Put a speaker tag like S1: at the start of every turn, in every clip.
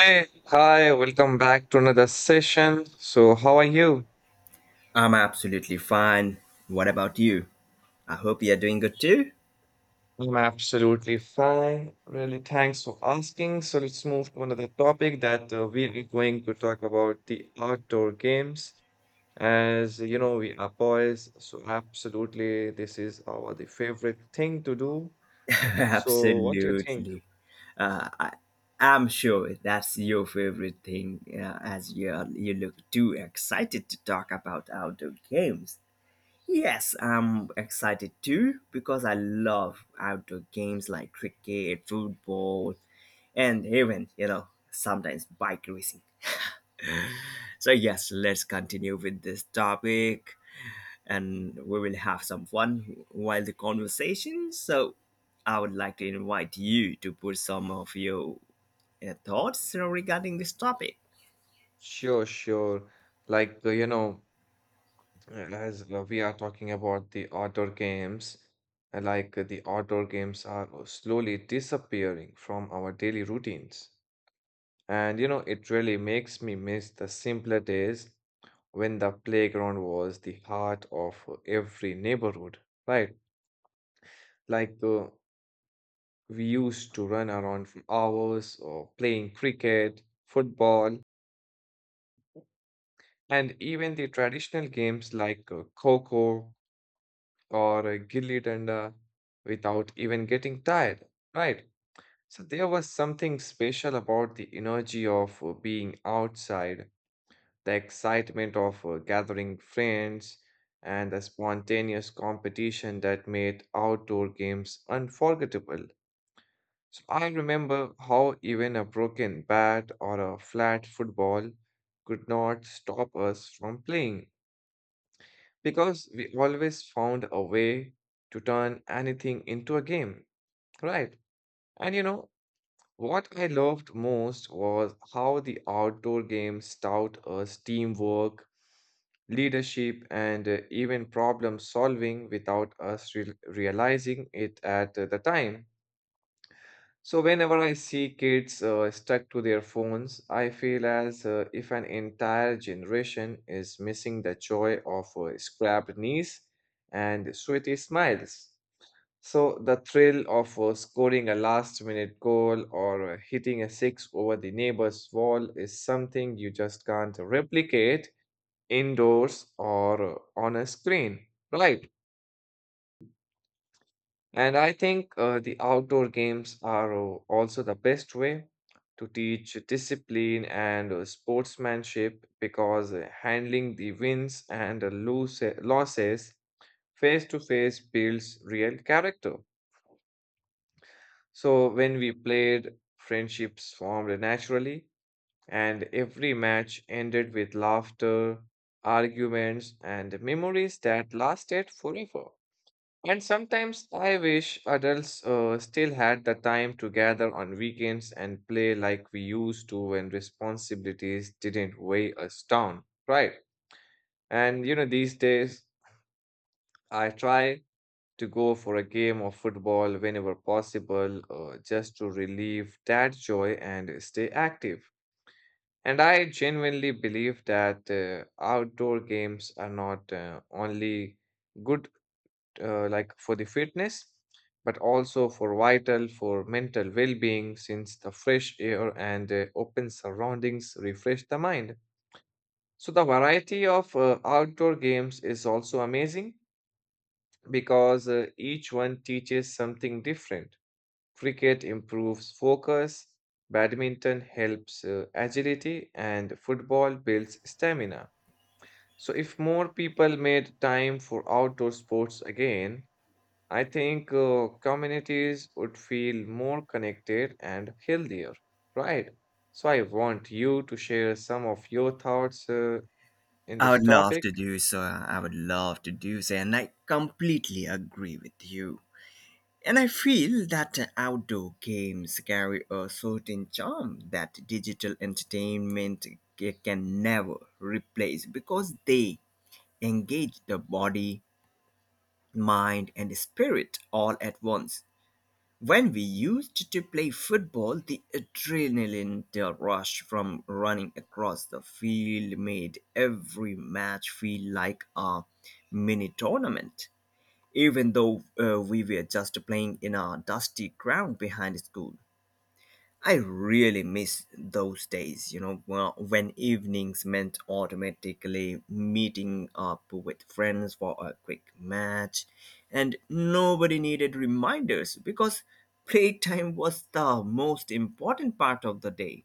S1: Hey, hi, welcome back to another session. So, how are you?
S2: I'm absolutely fine. What about you? I hope you're doing good too.
S1: I'm absolutely fine. Really, thanks for asking. So, let's move to another topic that we are going to talk about the outdoor games. As you know, we are boys, so absolutely, this is our the favorite thing to do. So, what do you think?
S2: Absolutely. Uh, I, I'm sure that's your favorite thing as you look too excited to talk about outdoor games. Yes, I'm excited too because I love outdoor games like cricket, football, and even, you know, sometimes bike racing. So, yes, let's continue with this topic, and we will have some fun while the conversation. So, I would like to invite you to put some of your thoughts regarding this topic.
S1: Sure, sure. Like, you know, As We are talking about the outdoor games, the outdoor games are slowly disappearing from our daily routines. And you know, it really makes me miss the simpler days when the playground was the heart of every neighborhood, right? Like uh, we used to run around for hours or playing cricket, football, and even the traditional games like coco or a gilli danda without even getting tired, right? So there was something special about the energy of being outside, the excitement of gathering friends, and the spontaneous competition that made outdoor games unforgettable. So I remember how even a broken bat or a flat football could not stop us from playing because we always found a way to turn anything into a game, right? And you know, what I loved most was how the outdoor games taught us teamwork, leadership, and even problem solving without us realizing it at the time. So whenever I see kids stuck to their phones, I feel as if an entire generation is missing the joy of scrapped knees and sweaty smiles. So the thrill of scoring a last-minute goal or hitting a six over the neighbor's wall is something you just can't replicate indoors or on a screen, right? And I think the outdoor games are also the best way to teach discipline and sportsmanship because handling the wins and lose losses face to face builds real character. So when we played, friendships formed naturally, and every match ended with laughter, arguments, and memories that lasted forever. And sometimes I wish adults still had the time to gather on weekends and play like we used to when responsibilities didn't weigh us down, right? And you know, these days I try to go for a game of football whenever possible, just to relieve that joy and stay active. And I genuinely believe that outdoor games are not only good like for the fitness, but also for vital, for mental well-being, since the fresh air and open surroundings refresh the mind. So the variety of outdoor games is also amazing because each one teaches something different. Cricket improves focus, badminton helps agility, and football builds stamina. So, if more people made time for outdoor sports again, I think communities would feel more connected and healthier, right? So I want you to share some of your thoughts in
S2: I
S1: this
S2: would love
S1: topic.
S2: to do so. I would love to do so, and I completely agree with you. And I feel that outdoor games carry a certain charm that digital entertainment can never replace because they engage the body, mind, and spirit all at once. When we used to play football, the adrenaline the rush from running across the field made every match feel like a mini tournament, even though we were just playing in a dusty ground behind school. I really miss those days, you know, well, when evenings meant automatically meeting up with friends for a quick match, and nobody needed reminders because playtime was the most important part of the day.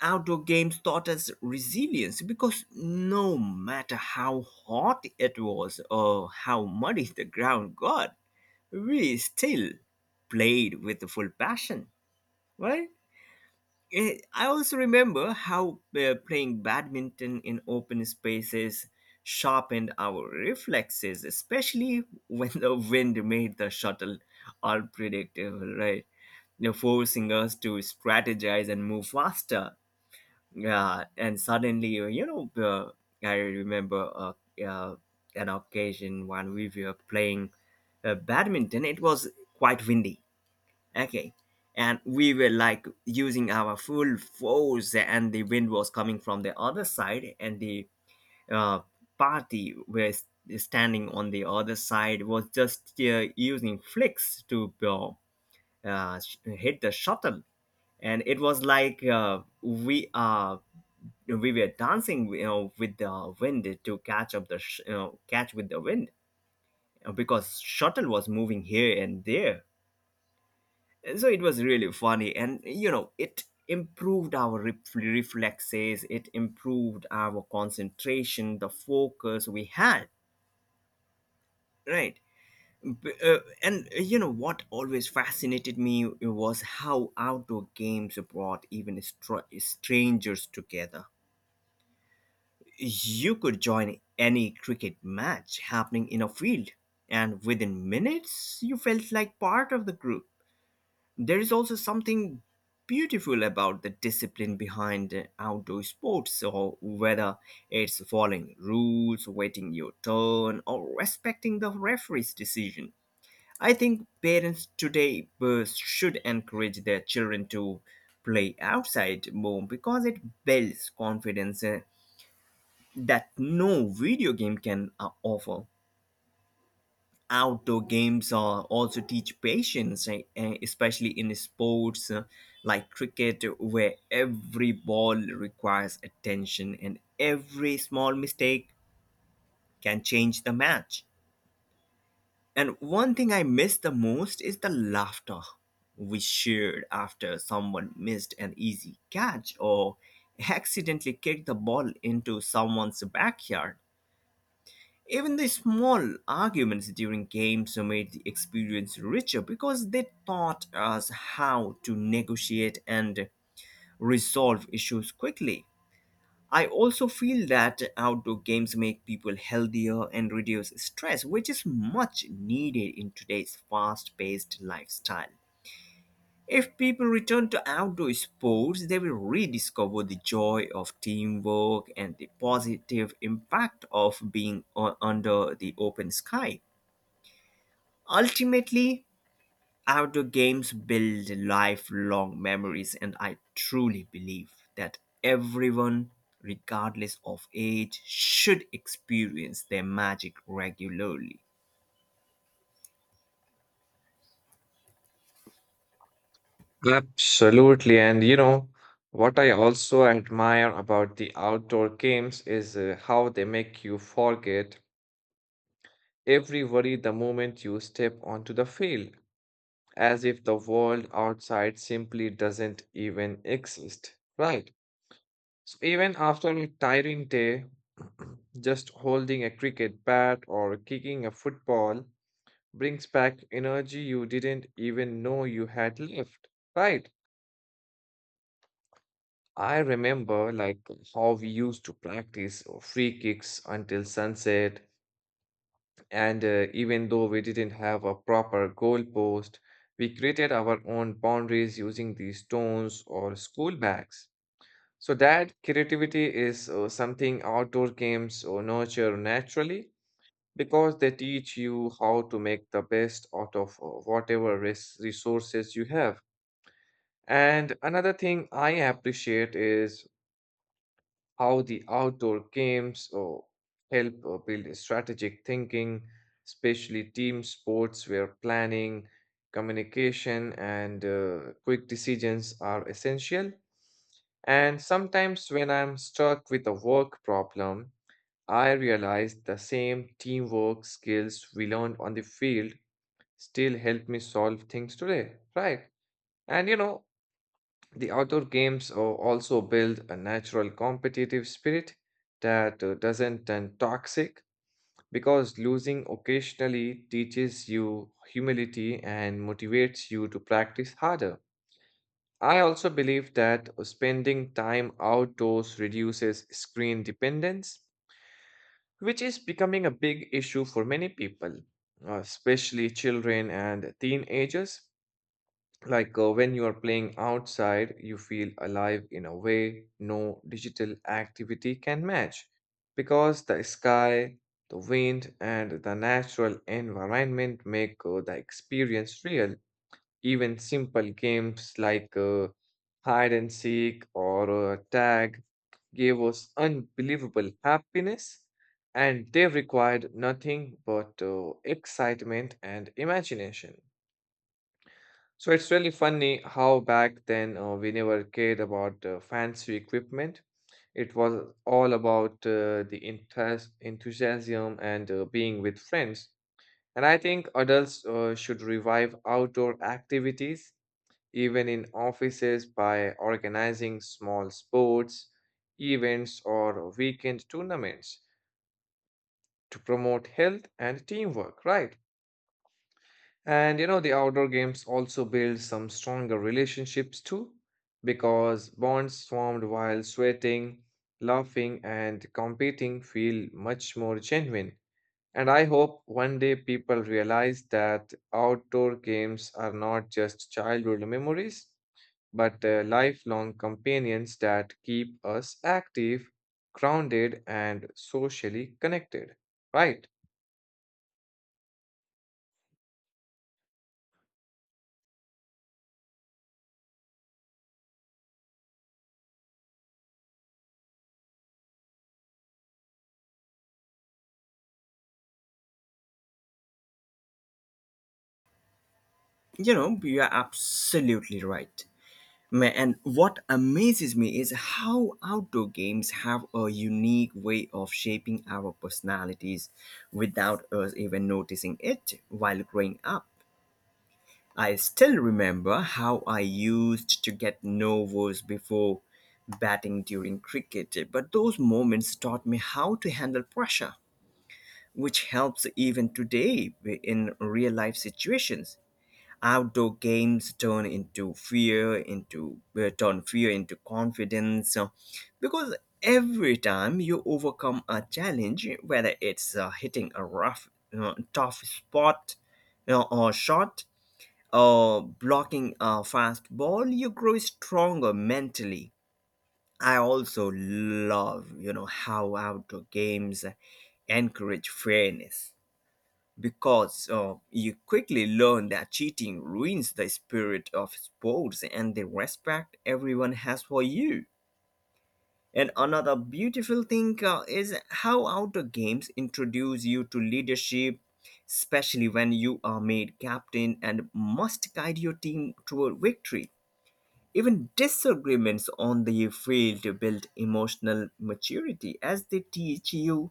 S2: Outdoor games taught us resilience because no matter how hot it was or how muddy the ground got, we still played with full passion, right? I also remember how playing badminton in open spaces sharpened our reflexes, especially when the wind made the shuttle unpredictable, right? You know, forcing us to strategize and move faster. Yeah, and suddenly, I remember uh, an occasion when we were playing badminton. It was quite windy. Okay. And we were like using our full force, and the wind was coming from the other side, and the uh, party was standing on the other side was just using flicks to hit the shuttle, and it was like we were dancing, you know, with the wind to catch up you know, catch with the wind because shuttle was moving here and there, so it was really funny. And you know, it improved our reflexes, it improved our concentration, the focus we had, right? B- and You know what always fascinated me was how outdoor games brought even strangers together. You could join any cricket match happening in a field, and within minutes you felt like part of the group. There is also something beautiful about the discipline behind outdoor sports, so whether it's following rules, waiting your turn, or respecting the referee's decision. I think parents today should encourage their children to play outside more because it builds confidence that no video game can offer. Outdoor games are also teach patience, especially in sports like cricket, where every ball requires attention and every small mistake can change the match. And one thing I miss the most is the laughter we shared after someone missed an easy catch or accidentally kicked the ball into someone's backyard. Even the small arguments during games made the experience richer because they taught us how to negotiate and resolve issues quickly. I also feel that outdoor games make people healthier and reduce stress, which is much needed in today's fast paced lifestyle. If people return to outdoor sports, they will rediscover the joy of teamwork and the positive impact of being under the open sky. Ultimately, outdoor games build lifelong memories, and I truly believe that everyone, regardless of age, should experience their magic regularly.
S1: Absolutely. And you know, what I also admire about the outdoor games is how they make you forget every worry the moment you step onto the field, as if the world outside simply doesn't even exist, right? So even after a tiring day, just holding a cricket bat or kicking a football brings back energy you didn't even know you had left. Right. I remember like how we used to practice free kicks until sunset, and even though we didn't have a proper goal post, we created our own boundaries using these stones or school bags. So that creativity is something outdoor games nurture naturally because they teach you how to make the best out of whatever resources you have. And another thing I appreciate is how the outdoor games or help build strategic thinking, especially team sports where planning, communication, and quick decisions are essential. And sometimes when I'm stuck with a work problem, I realize the same teamwork skills we learned on the field still help me solve things today, right? And you know, the outdoor games also build a natural competitive spirit that doesn't turn toxic because losing occasionally teaches you humility and motivates you to practice harder. I also believe that spending time outdoors reduces screen dependence, which is becoming a big issue for many people, especially children and teenagers. When you are playing outside, you feel alive in a way no digital activity can match because the sky, the wind, and the natural environment make the experience real. Even simple games like hide and seek or tag gave us unbelievable happiness, and they required nothing but excitement and imagination. So it's really funny how back then we never cared about fancy equipment. It was all about the enthusiasm and being with friends. And I think adults should revive outdoor activities, even in offices, by organizing small sports, events, or weekend tournaments to promote health and teamwork, right? And you know, the outdoor games also build some stronger relationships too, because bonds formed while sweating, laughing, and competing feel much more genuine. And I hope one day people realize that outdoor games are not just childhood memories, but lifelong companions that keep us active, grounded, and socially connected. Right?
S2: You know, you are absolutely right. And what amazes me is how outdoor games have a unique way of shaping our personalities without us even noticing it while growing up. I still remember how I used to get nervous before batting during cricket, but those moments taught me how to handle pressure, which helps even today in real life situations. Outdoor games turn into fear, into turn fear into confidence, because every time you overcome a challenge, whether it's hitting a rough, tough spot, you know, or shot, blocking a fastball, you grow stronger mentally. I also love, you know, how outdoor games encourage fairness because you quickly learn that cheating ruins the spirit of sports and the respect everyone has for you. And another beautiful thing is how outdoor games introduce you to leadership, especially when you are made captain and must guide your team toward victory. Even disagreements on the field build emotional maturity as they teach you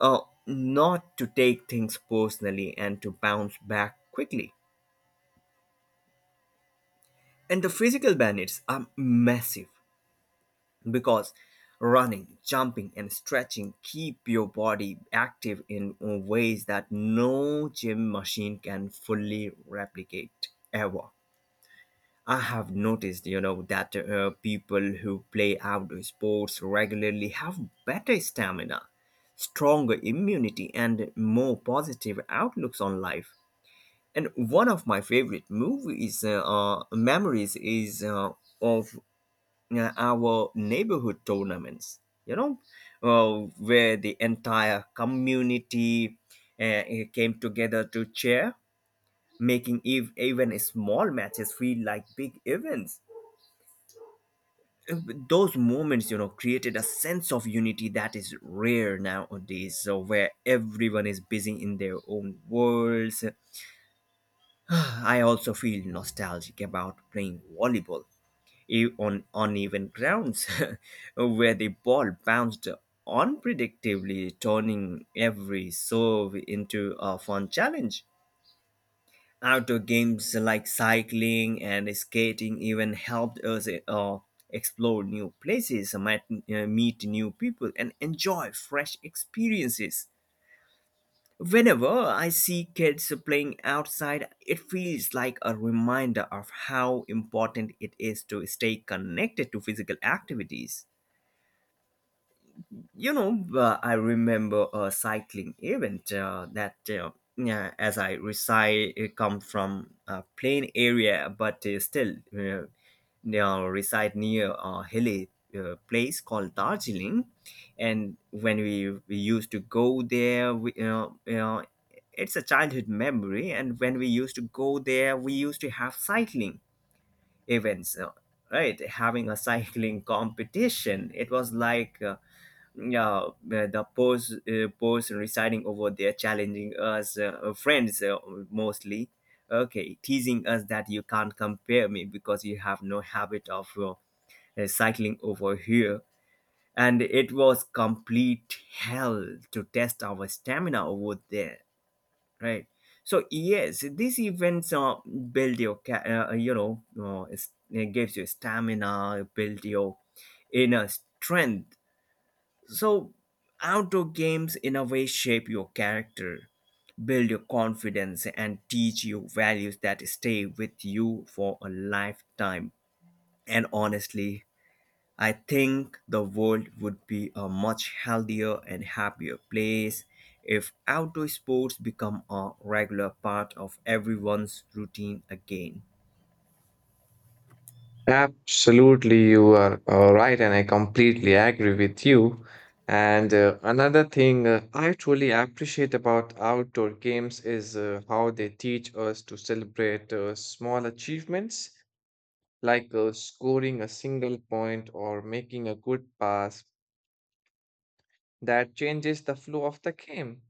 S2: uh, not to take things personally and to bounce back quickly. And the physical benefits are massive because running, jumping, and stretching keep your body active in ways that no gym machine can fully replicate ever. I have noticed, you know, that people who play outdoor sports regularly have better stamina, stronger immunity, and more positive outlooks on life. And one of my favorite movies, memories, is of our neighborhood tournaments. You know, where the entire community came together to cheer, making even small matches feel like big events. Those moments, you know, created a sense of unity that is rare nowadays, so where everyone is busy in their own worlds. I also feel nostalgic about playing volleyball on uneven grounds where the ball bounced unpredictably, turning every serve into a fun challenge. Outdoor games like cycling and skating even helped us explore new places, meet new people, and enjoy fresh experiences. Whenever I see kids playing outside, it feels like a reminder of how important it is to stay connected to physical activities. You know, I remember a cycling event yeah, as I reside, come from a plain area, but still now reside near a hilly place called Darjeeling. And when we used to go there, you know, it's a childhood memory. And when we used to go there, we used to have cycling events, right? Having a cycling competition. It was like yeah, the poets, poets reciting over there, challenging us friends, mostly, okay, teasing us that you can't compare me because you have no habit of cycling over here, and it was complete hell to test our stamina over there, right? So yes, these events, you know, it gives you stamina, build your inner strength. So, outdoor games in a way shape your character, build your confidence, and teach you values that stay with you for a lifetime. And honestly, I think the world would be a much healthier and happier place if outdoor sports become a regular part of everyone's routine again.
S1: Absolutely, you are right, and I completely agree with you. And another thing I truly appreciate about outdoor games is how they teach us to celebrate small achievements, like scoring a single point or making a good pass that changes the flow of the game.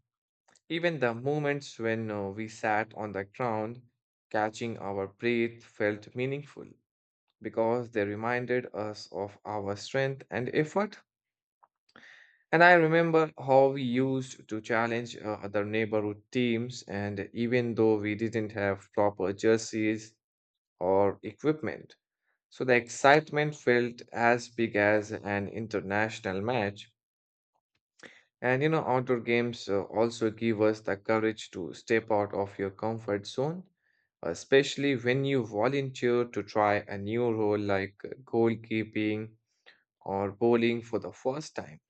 S1: Even the moments when we sat on the ground, catching our breath felt meaningful because they reminded us of our strength and effort. And I remember how we used to challenge other neighborhood teams, and even though we didn't have proper jerseys or equipment. So the excitement felt as big as an international match. And you know, outdoor games also give us the courage to step out of your comfort zone, especially when you volunteer to try a new role like goalkeeping or bowling for the first time.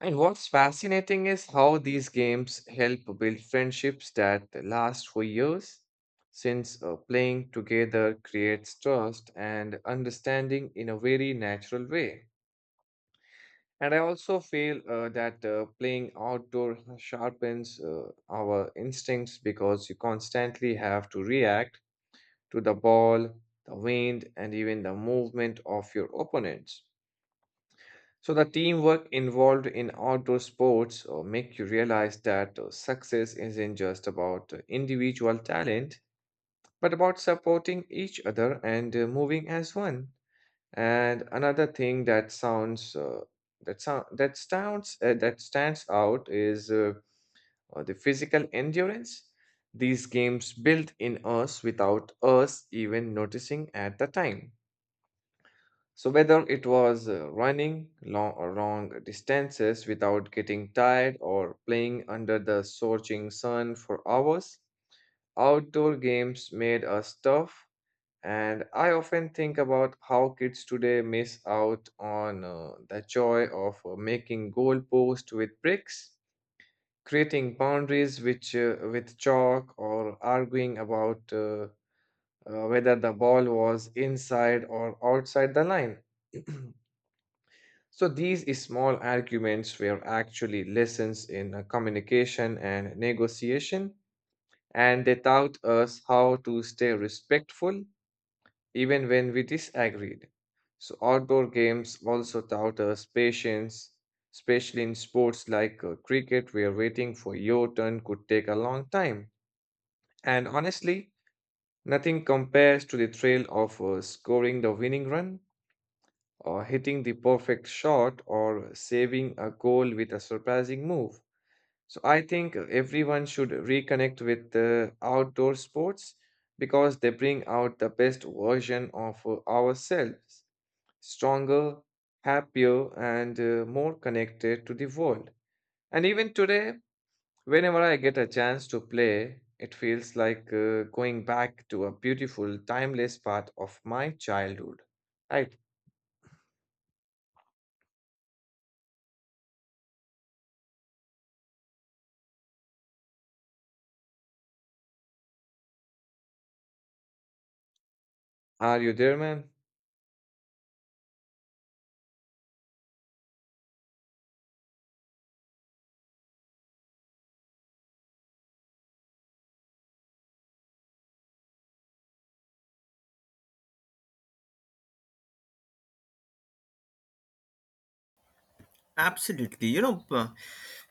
S1: And what's fascinating is how these games help build friendships that last for years, since playing together creates trust and understanding in a very natural way. And I also feel that playing outdoor sharpens our instincts because you constantly have to react to the ball, the wind, and even the movement of your opponents. So the teamwork involved in outdoor sports make you realize that success isn't just about individual talent, but about supporting each other and moving as one. And another thing that sounds that stands out is the physical endurance. These games built in us without us even noticing at the time. So, whether it was running long distances without getting tired or playing under the scorching sun for hours, outdoor games made us tough. And I often think about how kids today miss out on the joy of making goalposts with bricks, creating boundaries which, with chalk, or arguing about whether the ball was inside or outside the line. So these small arguments were actually lessons in communication and negotiation, and they taught us how to stay respectful even when we disagreed. So outdoor games also taught us patience, especially in sports like cricket, where waiting for your turn could take a long time. And honestly, nothing compares to the thrill of scoring the winning run or hitting the perfect shot or saving a goal with a surprising move. So I think everyone should reconnect with the outdoor sports because they bring out the best version of ourselves, stronger, happier, and more connected to the world. And even today, whenever I get a chance to play, it feels like going back to a beautiful, timeless part of my childhood. Right? Are you there, man?
S2: Absolutely. You know,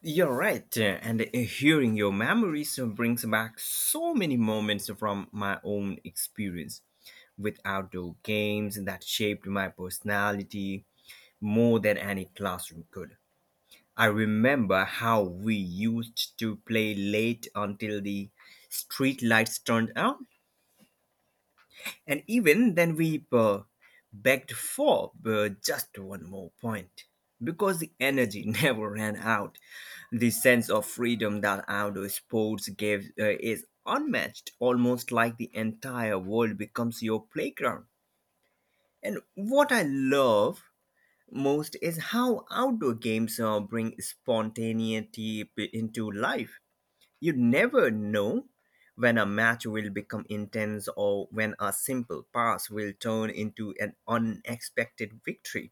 S2: you're right. And hearing your memories brings back so many moments from my own experience with outdoor games that shaped my personality more than any classroom could. I remember how we used to play late until the street lights turned out, and even then, we begged for just one more point because the energy never ran out. The sense of freedom that outdoor sports gives is unmatched, almost like the entire world becomes your playground. And what I love most is how outdoor games bring spontaneity into life. You never know when a match will become intense or when a simple pass will turn into an unexpected victory.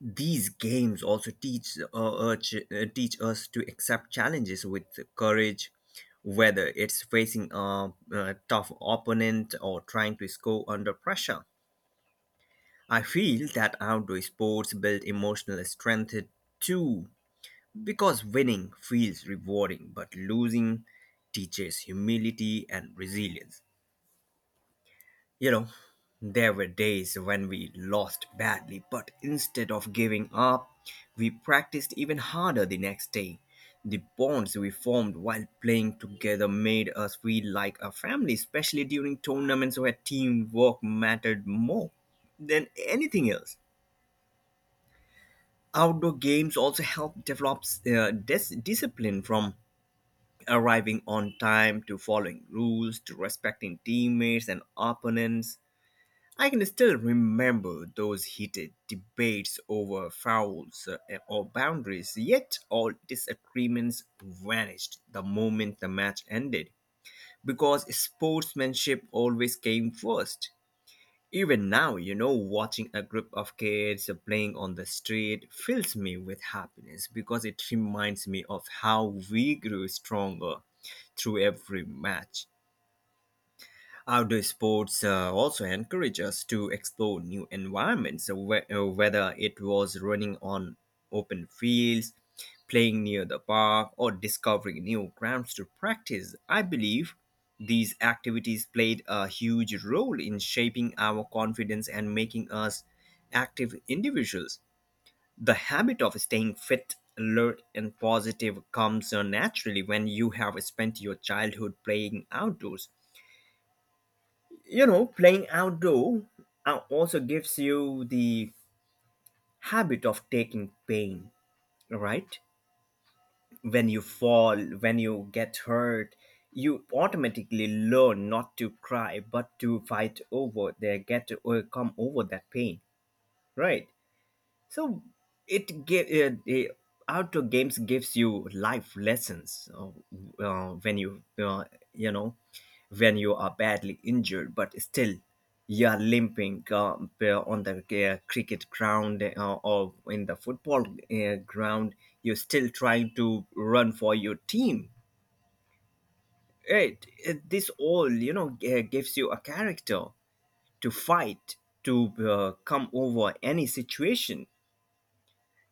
S2: These games also teach teach us to accept challenges with courage, whether it's facing a tough opponent or trying to score under pressure. I feel that outdoor sports build emotional strength too, because winning feels rewarding, but losing teaches humility and resilience. You know, there were days when we lost badly, but instead of giving up, we practiced even harder the next day. The bonds we formed while playing together made us feel like a family, especially during tournaments where teamwork mattered more than anything else. Outdoor games also help develop discipline, from arriving on time to following rules to respecting teammates and opponents. I can still remember those heated debates over fouls or boundaries, yet all disagreements vanished the moment the match ended because sportsmanship always came first. Even now, you know, watching a group of kids playing on the street fills me with happiness because it reminds me of how we grew stronger through every match. Outdoor sports also encourage us to explore new environments, so whether it was running on open fields, playing near the park, or discovering new grounds to practice. I believe these activities played a huge role in shaping our confidence and making us active individuals. The habit of staying fit, alert, and positive comes naturally when you have spent your childhood playing outdoors. You know, playing outdoor also gives you the habit of taking pain, right? When you fall, when you get hurt, you automatically learn not to cry but to fight over there, get to overcome over that pain, right? So it give the outdoor games gives you life lessons, when you you know, when you are badly injured, but still you are limping on the cricket ground or in the football ground. You're still trying to run for your team. This all, you know, gives you a character to fight, to come over any situation.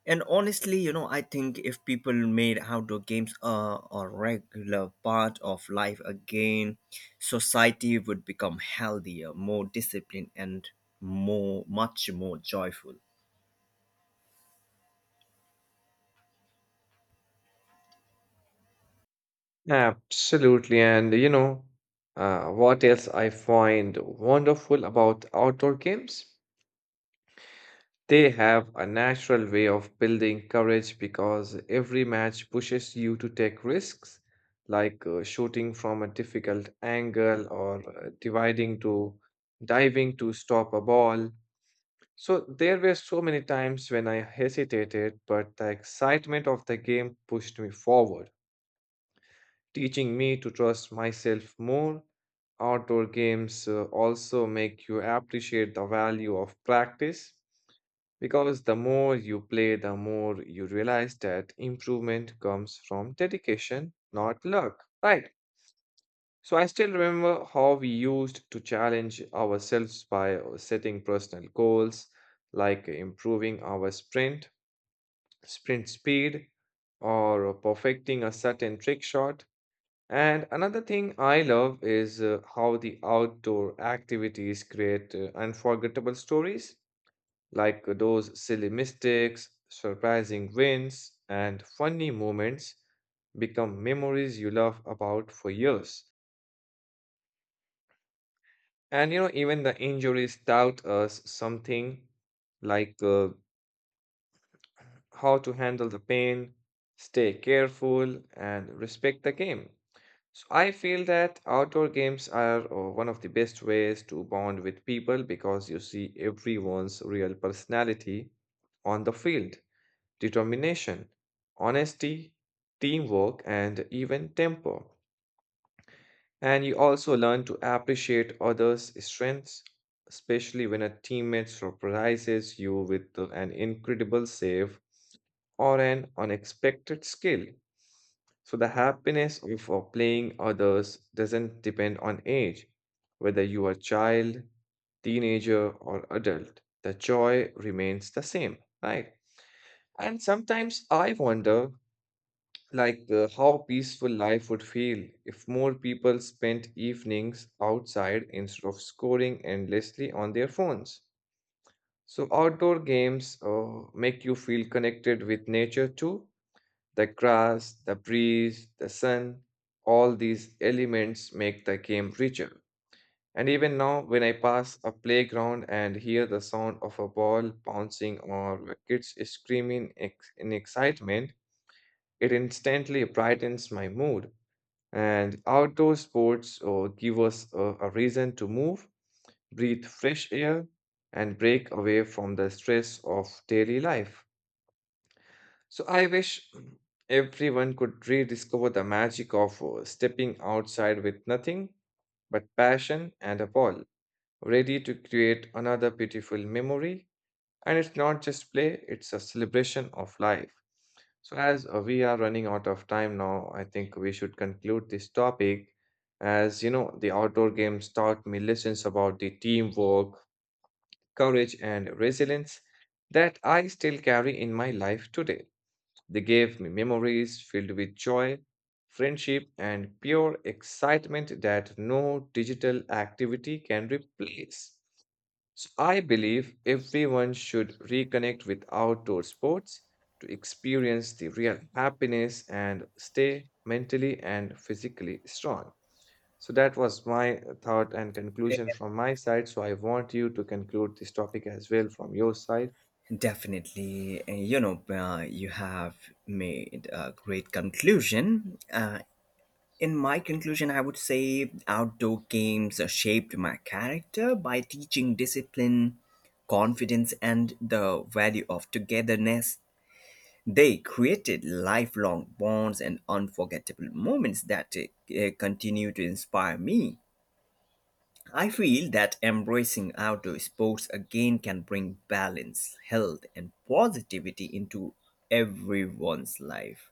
S2: And honestly, you know, I think if people made outdoor games a regular part of life again, society would become healthier, more disciplined, and much more joyful.
S1: Absolutely. And you know, what else I find wonderful about outdoor games? They have a natural way of building courage because every match pushes you to take risks, like shooting from a difficult angle or dividing to diving to stop a ball. So there were so many times when I hesitated, but the excitement of the game pushed me forward, teaching me to trust myself more. Outdoor games also make you appreciate the value of practice because the more you play, the more you realize that improvement comes from dedication, not luck. Right. So I still remember how we used to challenge ourselves by setting personal goals like improving our sprint speed, or perfecting a certain trick shot. And another thing I love is how the outdoor activities create unforgettable stories, like those silly mistakes, surprising wins, and funny moments become memories you laugh about for years. And you know, even the injuries taught us something like how to handle the pain, stay careful, and respect the game. So I feel that outdoor games are one of the best ways to bond with people because you see everyone's real personality on the field, determination, honesty, teamwork, and even temper. And you also learn to appreciate others' strengths, especially when a teammate surprises you with an incredible save or an unexpected skill. So the happiness of playing others doesn't depend on age, whether you are child, teenager, or adult. The joy remains the same, right? And sometimes I wonder, how peaceful life would feel if more people spent evenings outside instead of scoring endlessly on their phones. So outdoor games make you feel connected with nature too. The grass, the breeze, the sun, all these elements make the game richer. And even now, when I pass a playground and hear the sound of a ball bouncing or kids screaming in excitement, it instantly brightens my mood. And outdoor sports give us a reason to move, breathe fresh air, and break away from the stress of daily life. So I wish everyone could rediscover the magic of stepping outside with nothing but passion and a ball, ready to create another beautiful memory. And it's not just play, it's a celebration of life. So, as we are running out of time now, I think we should conclude this topic. As you know, the outdoor games taught me lessons about the teamwork, courage, and resilience that I still carry in my life today. They gave me memories filled with joy, friendship, and pure excitement that no digital activity can replace. So I believe everyone should reconnect with outdoor sports to experience the real happiness and stay mentally and physically strong. So that was my thought and conclusion from my side. So I want you to conclude this topic as well from your side.
S2: Definitely, and you know, you have made a great conclusion. In my conclusion, I would say outdoor games shaped my character by teaching discipline, confidence, and the value of togetherness. They created lifelong bonds and unforgettable moments that continue to inspire me. I feel that embracing outdoor sports again can bring balance, health, and positivity into everyone's life.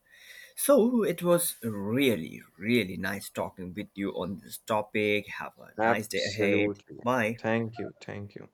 S2: So it was really, really nice talking with you on this topic. Have a nice day ahead.
S1: Absolutely.
S2: Bye.
S1: Thank you. Thank you.